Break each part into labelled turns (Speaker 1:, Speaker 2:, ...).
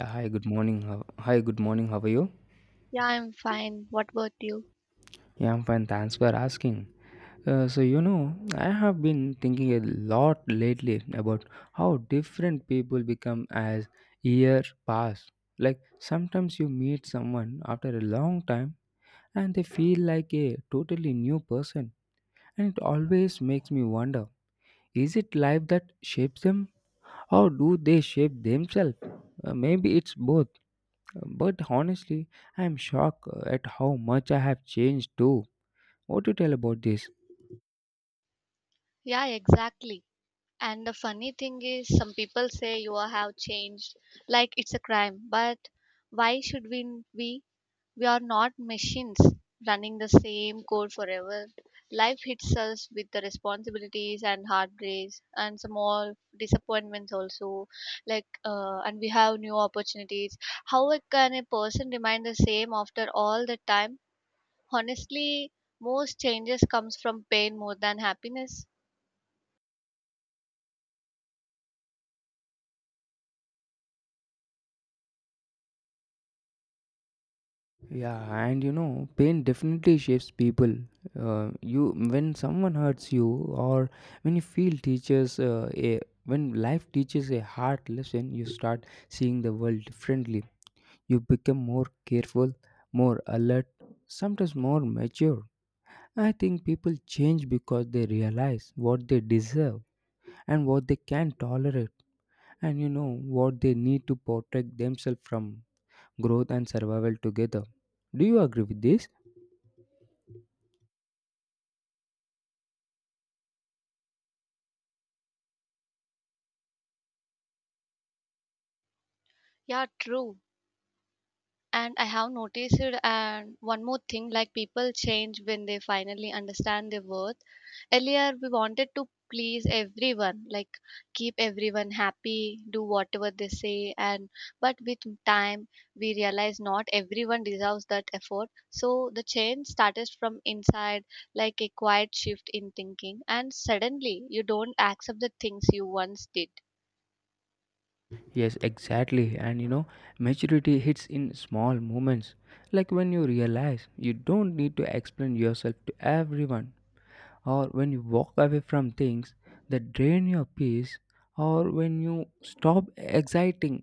Speaker 1: Hi, good morning. Hi, good morning. How are you?
Speaker 2: Yeah, I'm fine. What about you?
Speaker 1: Yeah, I'm fine. Thanks for asking. So, I have been thinking a lot lately about how different people become as years pass. Like, sometimes you meet someone after a long time and they feel like a totally new person. And it always makes me wonder, is it life that shapes them or do they shape themselves? Maybe it's both. But honestly, I'm shocked at how much I have changed too. What do you tell about this?
Speaker 2: Yeah, exactly. And the funny thing is, some people say have changed, like it's a crime. But why should we? We we are not machines running the same code forever. Life hits us with the responsibilities and heartbreaks and some all disappointments also. Like and we have new opportunities. How can a person remain the same after all the time? Honestly, most changes comes from pain more than happiness.
Speaker 1: Yeah, and pain definitely shapes people. You when someone hurts you, or when you feel teaches a when life teaches a hard lesson, you start seeing the world differently. You become more careful, more alert, sometimes more mature. I think people change because they realize what they deserve and what they can tolerate, and what they need to protect themselves from, growth and survival together. Do you agree with this?
Speaker 2: Yeah, true. And I have noticed it. And one more thing, like, people change when they finally understand their worth. Earlier we wanted to please everyone, like keep everyone happy, do whatever they say, and but with time we realize not everyone deserves that effort, so the change started from inside, like a quiet shift in thinking, and suddenly you don't accept the things you once did.
Speaker 1: Yes, exactly. And maturity hits in small moments, like when you realize you don't need to explain yourself to everyone, or when you walk away from things that drain your peace, or when you stop exciting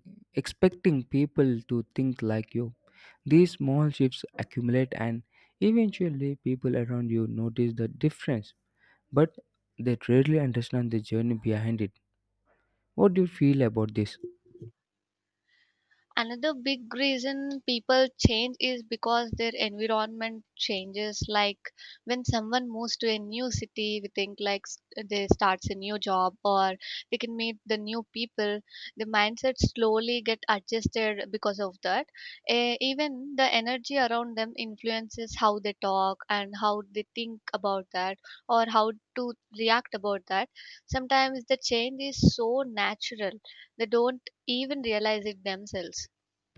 Speaker 1: expecting people to think like you. These small shifts accumulate and eventually people around you notice the difference, but they rarely understand the journey behind it. What do you feel about this?
Speaker 2: Another big reason people change is because their environment changes. Like when someone moves to a new city, we think like they starts a new job or they can meet the new people. The mindset slowly get adjusted because of that. Even the energy around them influences how they talk and how they think about that or how to react about that. Sometimes the change is so natural they don't even realize it themselves.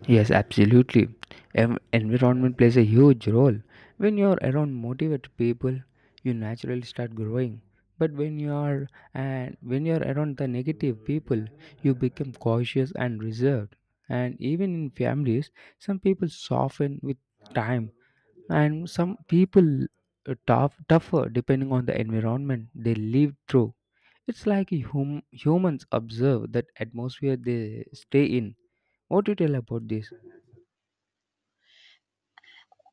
Speaker 1: Yes, absolutely. Environment plays a huge role. When you are around motivated people, you naturally start growing. But when you are around the negative people, you become cautious and reserved. And even in families, some people soften with time, and some people are tougher depending on the environment they live through. It's like humans observe that atmosphere they stay in. What do you tell about this?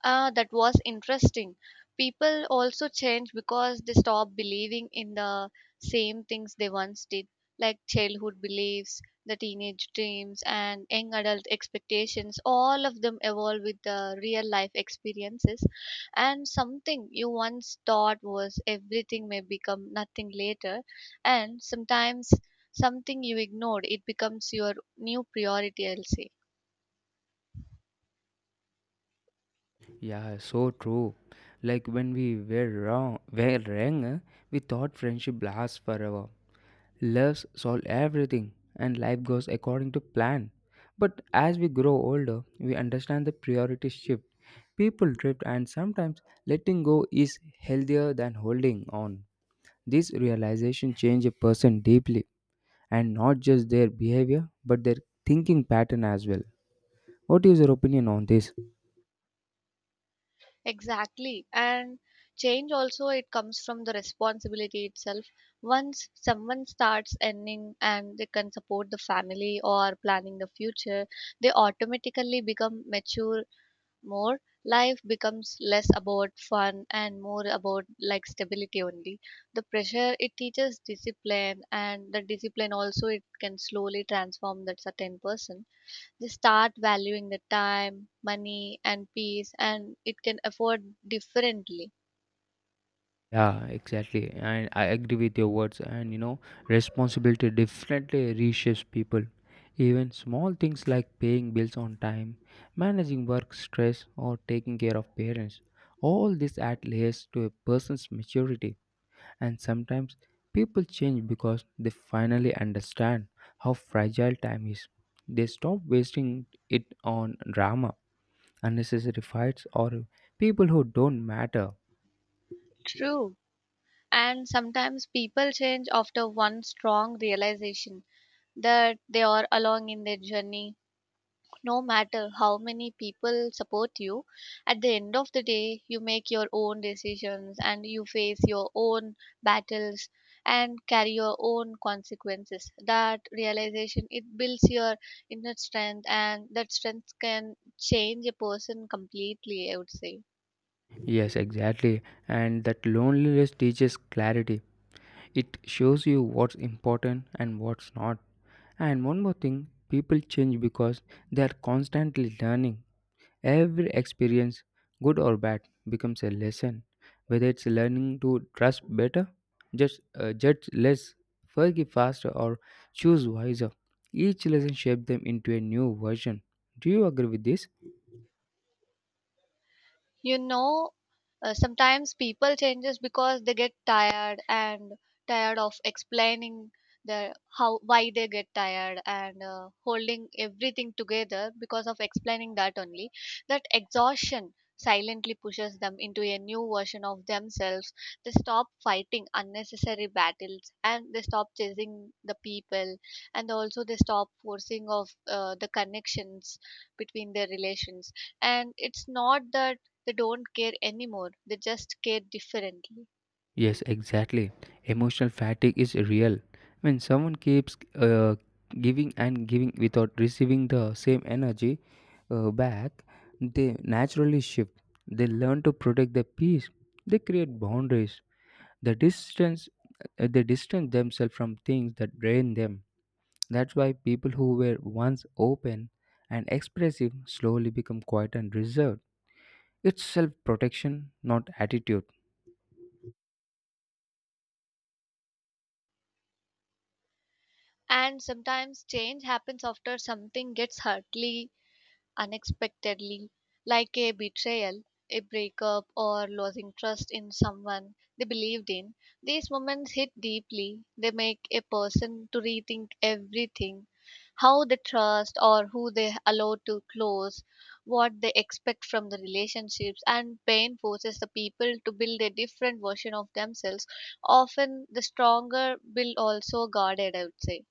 Speaker 2: That was interesting. People also change because they stop believing in the same things they once did, like childhood beliefs, the teenage dreams, and young adult expectations. All of them evolve with the real life experiences. And something you once thought was everything may become nothing later. And sometimes something you ignored, it becomes your new priority, I'll say.
Speaker 1: Yeah, so true. Like when were young, we thought friendship lasts forever. Loves solve everything and life goes according to plan. But as we grow older, we understand the priorities shift. People drift and sometimes letting go is healthier than holding on. This realization changes a person deeply, and not just their behavior but their thinking pattern as well. What is your opinion on this?
Speaker 2: Exactly. And change also it comes from the responsibility itself. Once someone starts earning and they can support the family or planning the future, they automatically become mature more. Life becomes less about fun and more about like stability only. The pressure it teaches discipline, and the discipline also it can slowly transform that certain person. They start valuing the time, money, and peace, and it can afford differently.
Speaker 1: Yeah, exactly. And I agree with your words. And responsibility definitely reshapes people. Even small things like paying bills on time, managing work stress, or taking care of parents. All this add layers to a person's maturity. And sometimes people change because they finally understand how fragile time is. They stop wasting it on drama, unnecessary fights, or people who don't matter.
Speaker 2: True. And sometimes people change after one strong realization that they are along in their journey. No matter how many people support you, at the end of the day you make your own decisions and you face your own battles and carry your own consequences. That realization it builds your inner strength, and that strength can change a person completely, I would say.
Speaker 1: Yes, exactly. And that loneliness teaches clarity. It shows you what's important and what's not. And one more thing, people change because they are constantly learning. Every experience, good or bad, becomes a lesson. Whether it's learning to trust better, just judge less, forgive faster, or choose wiser, each lesson shapes them into a new version. Do you agree with this?
Speaker 2: You know, sometimes people changes because they get tired of explaining the how why they get tired and holding everything together because of explaining that only. That exhaustion silently pushes them into a new version of themselves. They stop fighting unnecessary battles, and they stop chasing the people, and also they stop forcing of the connections between their relations. And it's not that they don't care anymore, they just care differently.
Speaker 1: Yes, exactly. Emotional fatigue is real. When someone keeps giving and giving without receiving the same energy back, they naturally shift. They learn to protect their peace. They create boundaries. The distance, they distance themselves from things that drain them. That's why people who were once open and expressive slowly become quiet and reserved. It's self-protection, not attitude.
Speaker 2: And sometimes change happens after something gets hurtly, unexpectedly, like a betrayal, a breakup, or losing trust in someone they believed in. These moments hit deeply. They make a person to rethink everything: how they trust or who they allow to close, what they expect from the relationships, and pain forces the people to build a different version of themselves. Often, the stronger build also guarded, I would say.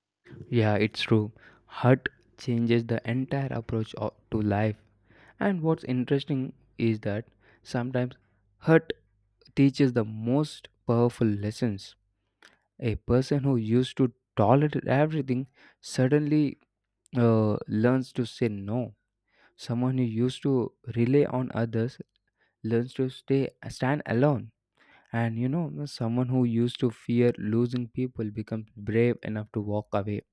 Speaker 1: Yeah, it's true. Hurt changes the entire approach to life. And what's interesting is that sometimes hurt teaches the most powerful lessons. A person who used to tolerate everything suddenly learns to say no. Someone who used to rely on others learns to stay stand alone. And someone who used to fear losing people becomes brave enough to walk away.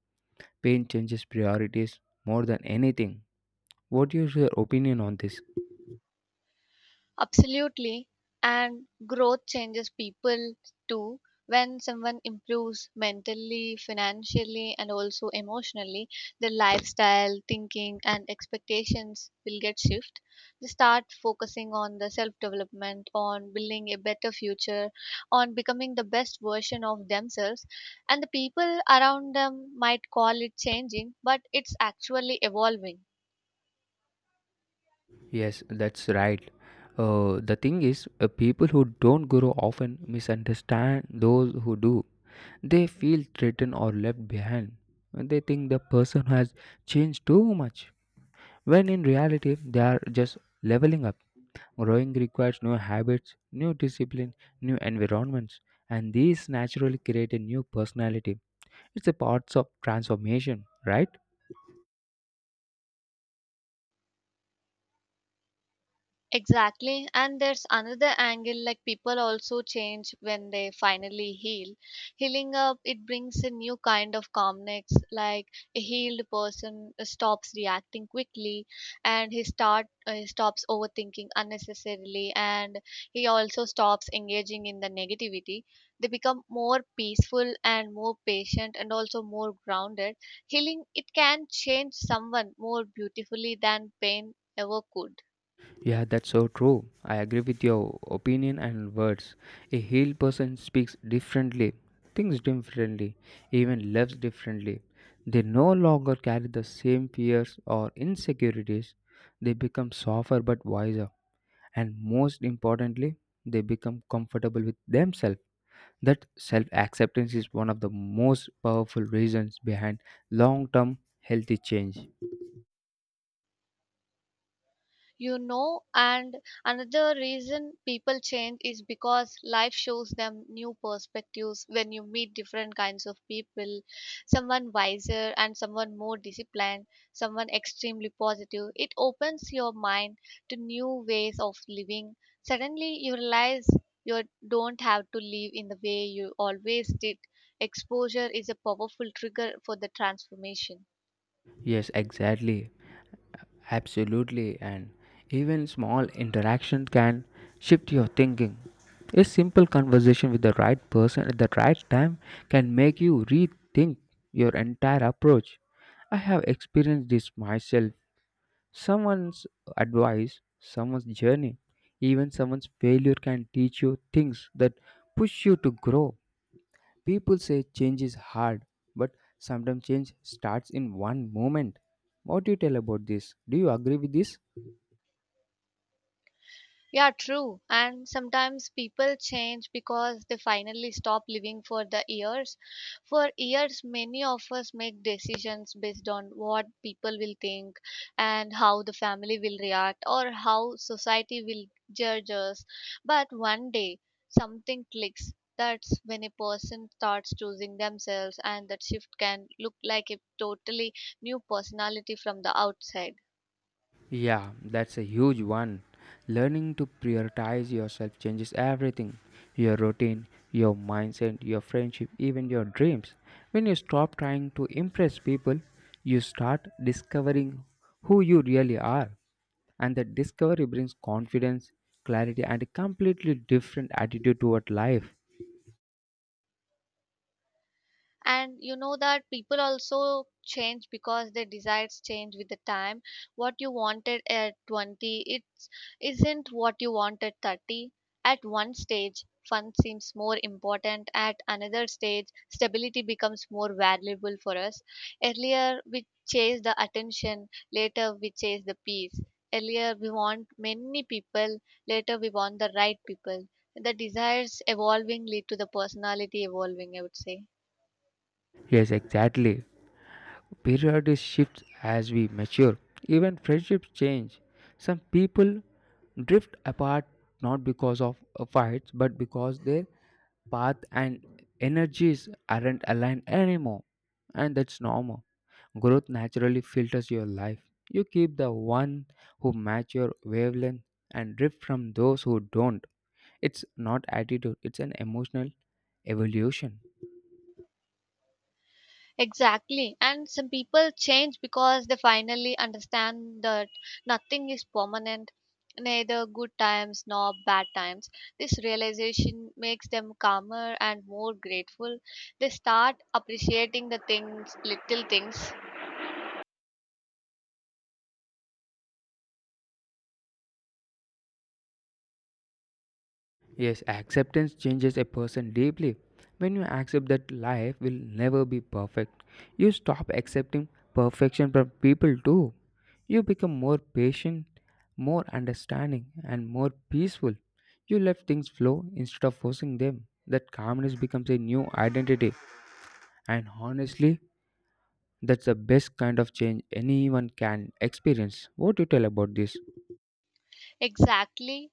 Speaker 1: Pain changes priorities more than anything. What is your opinion on this?
Speaker 2: Absolutely. And growth changes people too. When someone improves mentally, financially, and also emotionally, their lifestyle, thinking, and expectations will get shift. They start focusing on the self development, on building a better future, on becoming the best version of themselves. And the people around them might call it changing, but it's actually evolving.
Speaker 1: Yes, that's right. The thing is, people who don't grow often misunderstand those who do. They feel threatened or left behind. They think the person has changed too much, when in reality, they are just leveling up. Growing requires new habits, new discipline, new environments, and these naturally create a new personality. It's a part of transformation, right?
Speaker 2: Exactly. And there's another angle, like people also change when they finally heal. Healing up, it brings a new kind of calmness. Like a healed person stops reacting quickly, and he start stops overthinking unnecessarily, and he also stops engaging in the negativity. They become more peaceful and more patient and also more grounded. Healing, it can change someone more beautifully than pain ever could.
Speaker 1: Yeah, that's so true. I agree with your opinion and words. A healed person speaks differently, thinks differently, even loves differently. They no longer carry the same fears or insecurities. They become softer but wiser. And most importantly, they become comfortable with themselves. That self acceptance is one of the most powerful reasons behind long term healthy change.
Speaker 2: You know, and another reason people change is because life shows them new perspectives. When you meet different kinds of people, someone wiser and someone more disciplined, someone extremely positive, it opens your mind to new ways of living. Suddenly you realize you don't have to live in the way you always did. Exposure is a powerful trigger for the transformation.
Speaker 1: Yes, exactly. Absolutely, and even small interactions can shift your thinking. A simple conversation with the right person at the right time can make you rethink your entire approach. I have experienced this myself. Someone's advice, someone's journey, even someone's failure can teach you things that push you to grow. People say change is hard, but sometimes change starts in one moment. What do you tell about this? Do you agree with this?
Speaker 2: Yeah, true. And sometimes people change because they finally stop living for the years. For years, many of us make decisions based on what people will think and how the family will react or how society will judge us. But one day, something clicks. That's when a person starts choosing themselves, and that shift can look like a totally new personality from the outside.
Speaker 1: Yeah, that's a huge one. Learning to prioritize yourself changes everything, your routine, your mindset, your friendship, even your dreams. When you stop trying to impress people, you start discovering who you really are. And that discovery brings confidence, clarity, and a completely different attitude toward life.
Speaker 2: And you know, that people also change because their desires change with the time. What you wanted at 20 it isn't what you want at 30. At one stage fun seems more important, at another stage stability becomes more valuable for us. Earlier we chase the attention, later we chase the peace. Earlier we want many people, later we want the right people. The desires evolvingly to the personality evolving, I would say.
Speaker 1: Yes, exactly. Priorities shift as we mature. Even friendships change. Some people drift apart not because of fights but because their path and energies aren't aligned anymore. And that's normal. Growth naturally filters your life. You keep the one who match your wavelength and drift from those who don't. It's not attitude, it's an emotional evolution.
Speaker 2: Exactly. And some people change because they finally understand that nothing is permanent, neither good times nor bad times. This realization makes them calmer and more grateful. They start appreciating the things, little things.
Speaker 1: Yes, acceptance changes a person deeply. When you accept that life will never be perfect, you stop accepting perfection from people too. You become more patient, more understanding, and more peaceful. You let things flow instead of forcing them. That calmness becomes a new identity, and honestly, that's the best kind of change anyone can experience. What do you tell about this?
Speaker 2: Exactly.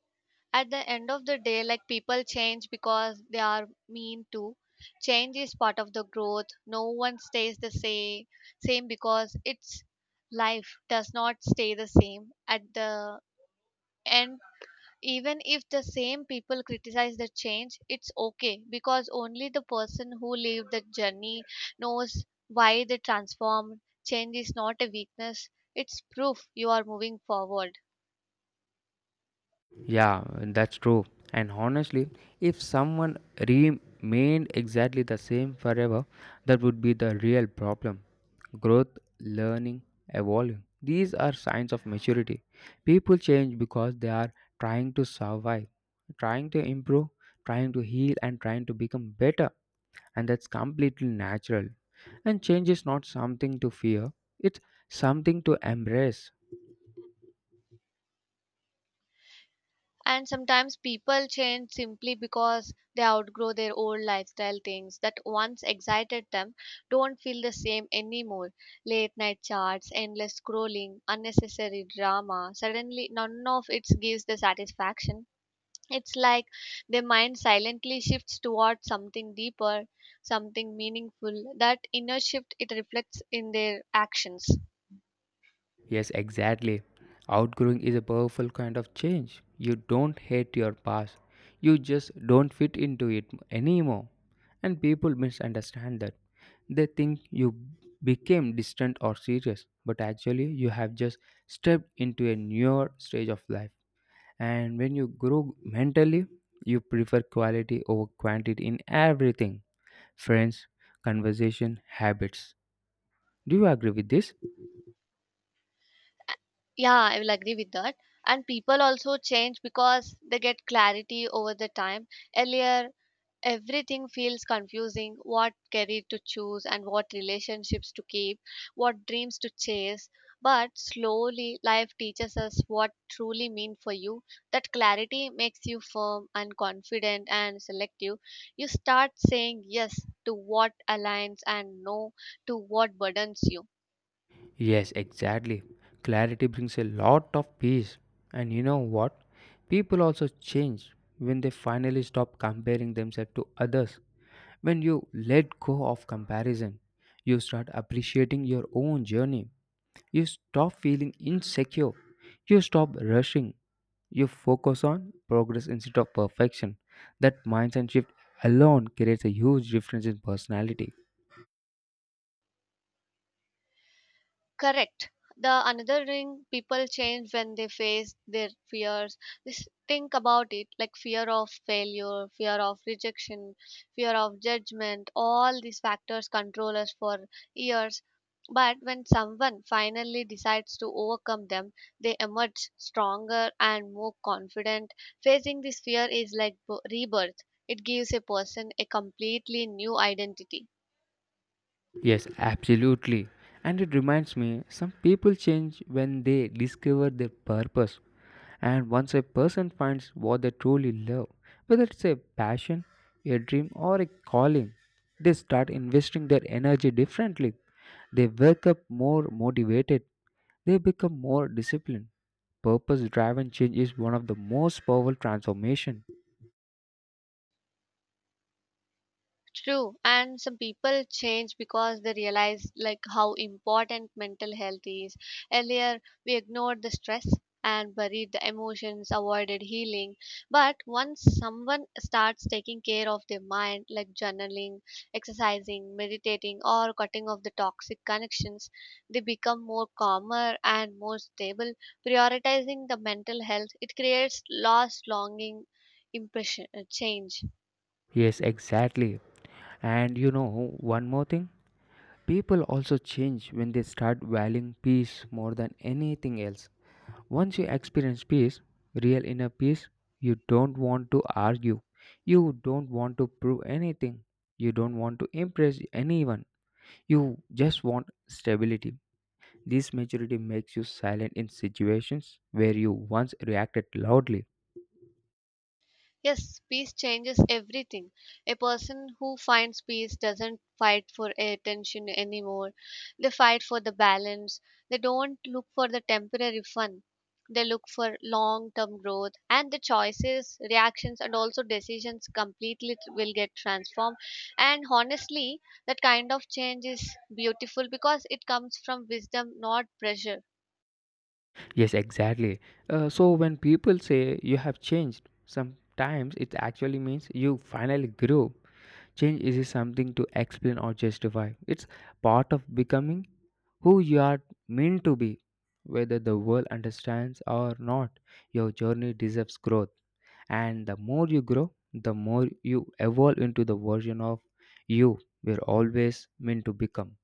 Speaker 2: At the end of the day, like people change because they are mean to. Change is part of the growth. No one stays the same same because its life does not stay the same at the end. Even if the same people criticize the change, it's okay, because only the person who lived the journey knows why they transformed. Change is not a weakness, it's proof you are moving forward.
Speaker 1: Yeah, that's true. And honestly, if someone remained exactly the same forever, that would be the real problem. Growth, learning, evolving. These are signs of maturity. People change because they are trying to survive, trying to improve, trying to heal, and trying to become better. And that's completely natural. And change is not something to fear, it's something to embrace.
Speaker 2: And sometimes people change simply because they outgrow their old lifestyle. Things that once excited them don't feel the same anymore. Late night chats, endless scrolling, unnecessary drama, suddenly none of it gives the satisfaction. It's like their mind silently shifts towards something deeper, something meaningful. That inner shift it reflects in their actions.
Speaker 1: Yes, exactly. Outgrowing is a powerful kind of change. You don't hate your past, you just don't fit into it anymore. And people misunderstand that. They think you became distant or serious, but actually, you have just stepped into a newer stage of life. And when you grow mentally, you prefer quality over quantity in everything, friends, conversation, habits. Do you agree with this?
Speaker 2: Yeah, I will agree with that. And people also change because they get clarity over the time. Earlier, everything feels confusing: what career to choose and what relationships to keep, what dreams to chase. But slowly, life teaches us what truly mean for you. That clarity makes you firm and confident and selective. You start saying yes to what aligns and no to what burdens you.
Speaker 1: Yes, exactly. Clarity brings a lot of peace. And you know what? People also change when they finally stop comparing themselves to others. When you let go of comparison, you start appreciating your own journey. You stop feeling insecure. You stop rushing. You focus on progress instead of perfection. That mindset shift alone creates a huge difference in personality.
Speaker 2: Correct. The another thing, people change when they face their fears. Just think about it, like fear of failure, fear of rejection, fear of judgment. All these factors control us for years. But when someone finally decides to overcome them, they emerge stronger and more confident. Facing this fear is like rebirth, it gives a person a completely new identity.
Speaker 1: Yes, absolutely. And it reminds me some people change when they discover their purpose. And once a person finds what they truly love, whether it's a passion, a dream, or a calling, they start investing their energy differently. They wake up more motivated, they become more disciplined. Purpose driven change is one of the most powerful transformation.
Speaker 2: True, and some people change because they realize like how important mental health is. Earlier, we ignored the stress and buried the emotions, avoided healing. But once someone starts taking care of their mind, like journaling, exercising, meditating, or cutting off the toxic connections, they become more calmer and more stable. Prioritizing the mental health, it creates lost longing impression change.
Speaker 1: Yes, exactly. And you know one more thing? People also change when they start valuing peace more than anything else. Once you experience peace, real inner peace, you don't want to argue. You don't want to prove anything. You don't want to impress anyone. You just want stability. This maturity makes you silent in situations where you once reacted loudly.
Speaker 2: Yes, peace changes everything. A person who finds peace doesn't fight for attention anymore. They fight for the balance. They don't look for the temporary fun. They look for long term growth, and the choices, reactions, and also decisions completely will get transformed. And honestly, that kind of change is beautiful because it comes from wisdom, not pressure.
Speaker 1: Yes, exactly. So when people say you have changed, sometimes it actually means you finally grew. Change is something to explain or justify. It's part of becoming who you are meant to be. Whether the world understands or not, your journey deserves growth. And the more you grow, the more you evolve into the version of you were always meant to become.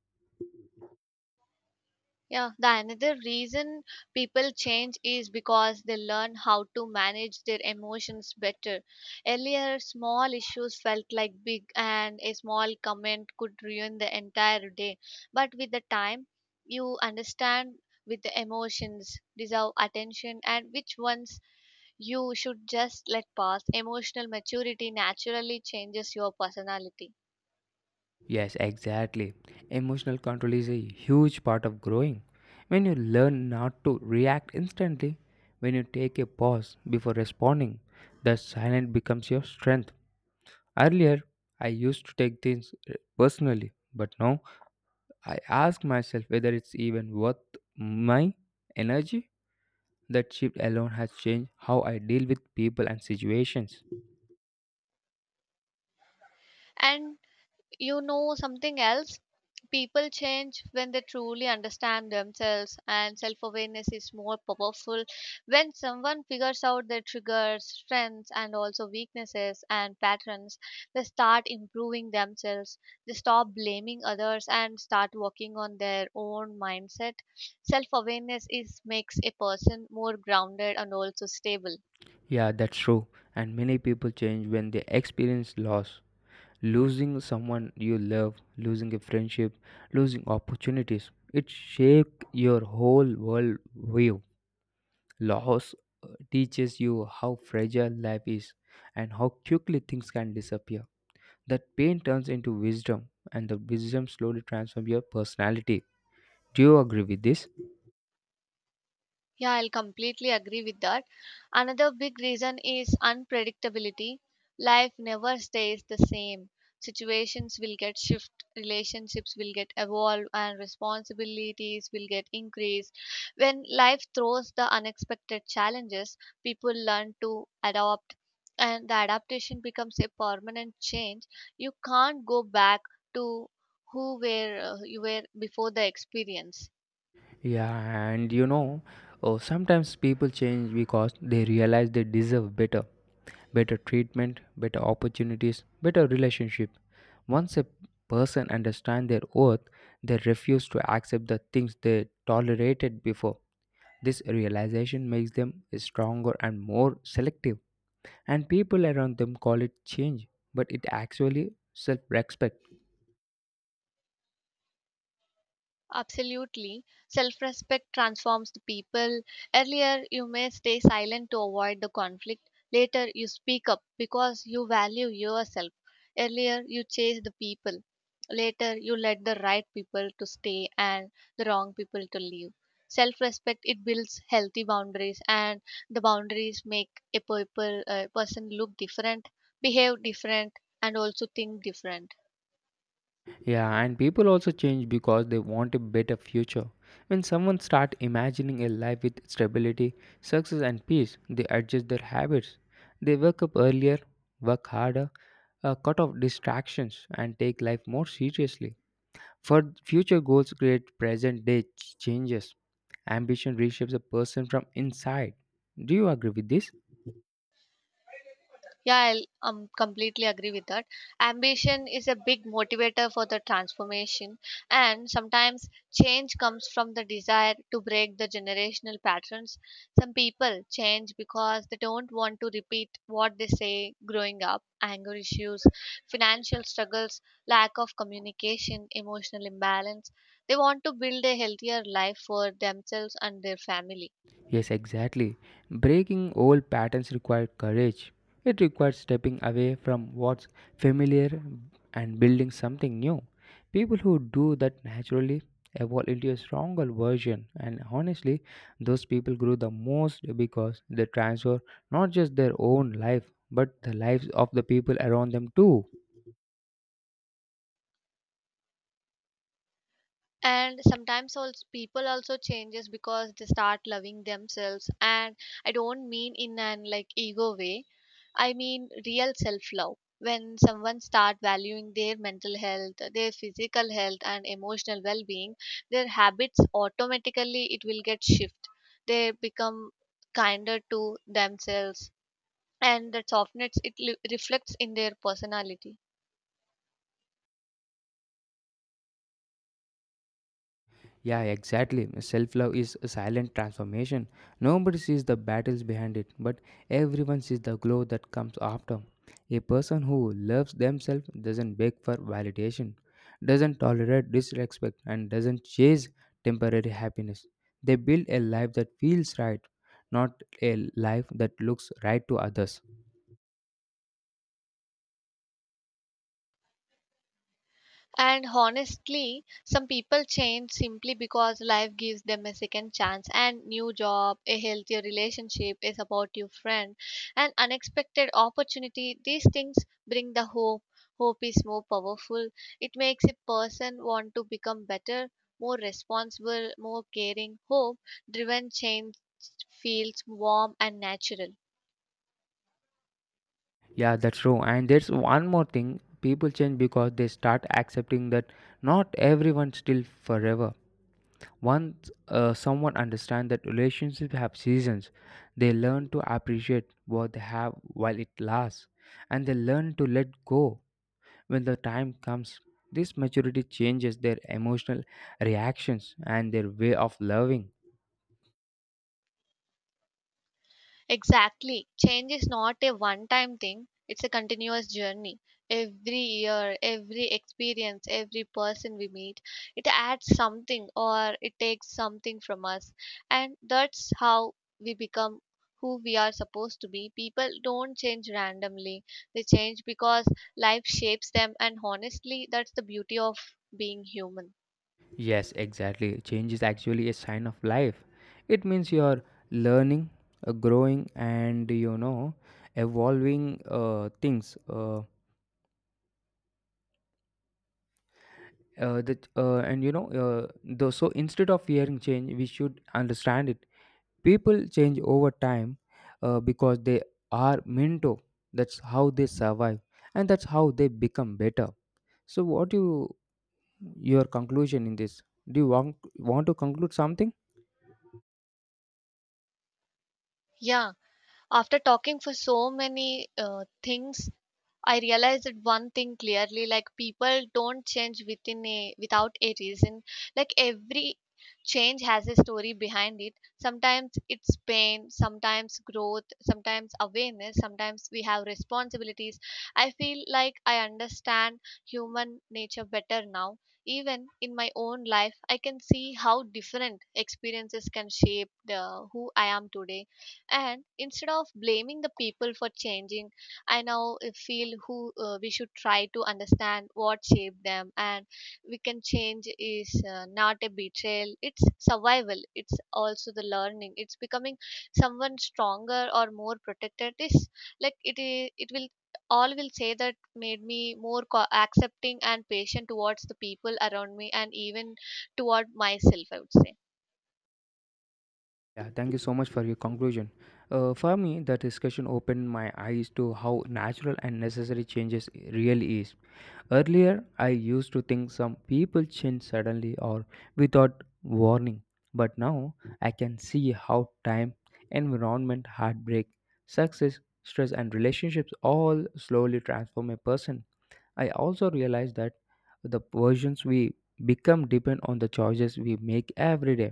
Speaker 2: Yeah, the another reason people change is because they learn how to manage their emotions better. Earlier, small issues felt like big, and a small comment could ruin the entire day. But with the time, you understand with the emotions deserve attention and which ones you should just let pass. Emotional maturity naturally changes your personality.
Speaker 1: Yes, exactly. Emotional control is a huge part of growing. When you learn not to react instantly, when you take a pause before responding, the silence becomes your strength. Earlier, I used to take things personally, but now I ask myself whether it's even worth my energy. That shift alone has changed how I deal with people and situations.
Speaker 2: And you know something else? People change when they truly understand themselves, and self awareness is more powerful. When someone figures out their triggers, strengths, and also weaknesses and patterns, they start improving themselves, they stop blaming others, and start working on their own mindset. Self awareness is makes a person more grounded and also stable.
Speaker 1: Yeah, that's true. And many people change when they experience loss, losing someone you love, losing a friendship, losing opportunities. It shake your whole world view. Loss teaches you how fragile life is and how quickly things can disappear. That pain turns into wisdom, and the wisdom slowly transforms your personality. Do you agree with this?
Speaker 2: Yeah, I'll completely agree with that. Another big reason is unpredictability. Life never stays the same. Situations will get shift, relationships will get evolve, and responsibilities will get increased. When life throws the unexpected challenges, people learn to adapt, and the adaptation becomes a permanent change. You can't go back to who were you were before the experience.
Speaker 1: Yeah, and sometimes people change because they realize they deserve better. Better treatment, better opportunities, better relationship. Once a person understands their worth, they refuse to accept the things they tolerated before. This realization makes them stronger and more selective, and people around them call it change, but it actually self-respect.
Speaker 2: Absolutely. Self respect transforms the people. Earlier, you may stay silent to avoid the conflict. Later, you speak up because you value yourself. Earlier, you chase the people. Later, you let the right people to stay and the wrong people to leave. Self respect it builds healthy boundaries, and the boundaries make a person look different, behave different, and also think different.
Speaker 1: Yeah, and people also change because they want a better future. When someone starts imagining a life with stability, success, and peace, they adjust their habits. They wake up earlier, work harder, cut off distractions, and take life more seriously. For future goals, create present day changes. Ambition reshapes a person from inside. Do you agree with this?
Speaker 2: Yeah, I'll completely agree with that. Ambition is a big motivator for the transformation, and sometimes change comes from the desire to break the generational patterns. Some people change because they don't want to repeat what they say growing up: anger issues, financial struggles, lack of communication, emotional imbalance. They want to build a healthier life for themselves and their family.
Speaker 1: Yes, exactly. Breaking old patterns requires courage. It requires stepping away from what's familiar and building something new. People who do that naturally evolve into a stronger version, and honestly, those people grow the most because they transfer not just their own life but the lives of the people around them too.
Speaker 2: And sometimes also people also changes because they start loving themselves. And I don't mean in an like ego way, I mean real self love. When someone start valuing their mental health, their physical health, and emotional well being, their habits automatically it will get shift. They become kinder to themselves, and that softness it reflects in their personality.
Speaker 1: Yeah, exactly. Self love is a silent transformation. Nobody sees the battles behind it, but everyone sees the glow that comes after. A person who loves themselves doesn't beg for validation, doesn't tolerate disrespect, and doesn't chase temporary happiness. They build a life that feels right, not a life that looks right to others.
Speaker 2: And honestly, some people change simply because life gives them a second chance: and new job, a healthier relationship, a supportive friend, an unexpected opportunity. These things bring the hope. Hope is more powerful. It makes a person want to become better, more responsible, more caring. Hope driven change feels warm and natural.
Speaker 1: Yeah, that's true. And there's one more thing, people change because they start accepting that not everyone still forever. Once someone understands that relationships have seasons, they learn to appreciate what they have while it lasts, and they learn to let go when the time comes. This maturity changes their emotional reactions and their way of loving.
Speaker 2: Exactly. Change is not a one time thing, it's a continuous journey. Every year, every experience, every person we meet, it adds something or it takes something from us. And that's how we become who we are supposed to be. People don't change randomly, they change because life shapes them. And honestly, that's the beauty of being human.
Speaker 1: Yes, exactly. Change is actually a sign of life. It means you're learning, growing, and evolving things. That and you know though so instead of fearing change, we should understand it. People change over time because they are meant to. That's how they survive and that's how they become better. So what your conclusion in this? Do you want to conclude something?
Speaker 2: Yeah, after talking for so many things I realized that one thing clearly, like people don't change within a without a reason. Like every change has a story behind it. Sometimes it's pain, sometimes growth, sometimes awareness, sometimes we have responsibilities. I feel like I understand human nature better now. Even in my own life, I can see how different experiences can shape the, who I am today. And instead of blaming the people for changing, I now feel who we should try to understand what shaped them, and we can change is not a betrayal. It's survival. It's also the learning. It's becoming someone stronger or more protected. Is like it is. It will all will say that made me more accepting and patient towards the people around me and even toward myself, I would say.
Speaker 1: Yeah, thank you so much for your conclusion. For me, the discussion opened my eyes to how natural and necessary changes really is. Earlier, I used to think some people change suddenly or without warning, but now I can see how time, environment, heartbreak, success, stress, and relationships all slowly transform a person. I also realize that the versions we become depend on the choices we make every day.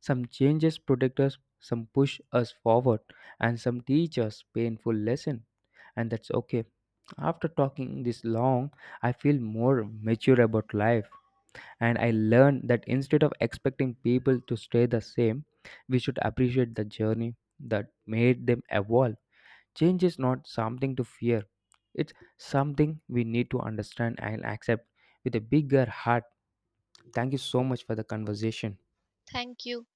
Speaker 1: Some changes protect us, some push us forward, and some teach us painful lesson, and that's okay. After talking this long, I feel more mature about life and I learned that instead of expecting people to stay the same, we should appreciate the journey that made them evolve. Change is not something to fear, it's something we need to understand and accept with a bigger heart. Thank you so much for the conversation.
Speaker 2: Thank you.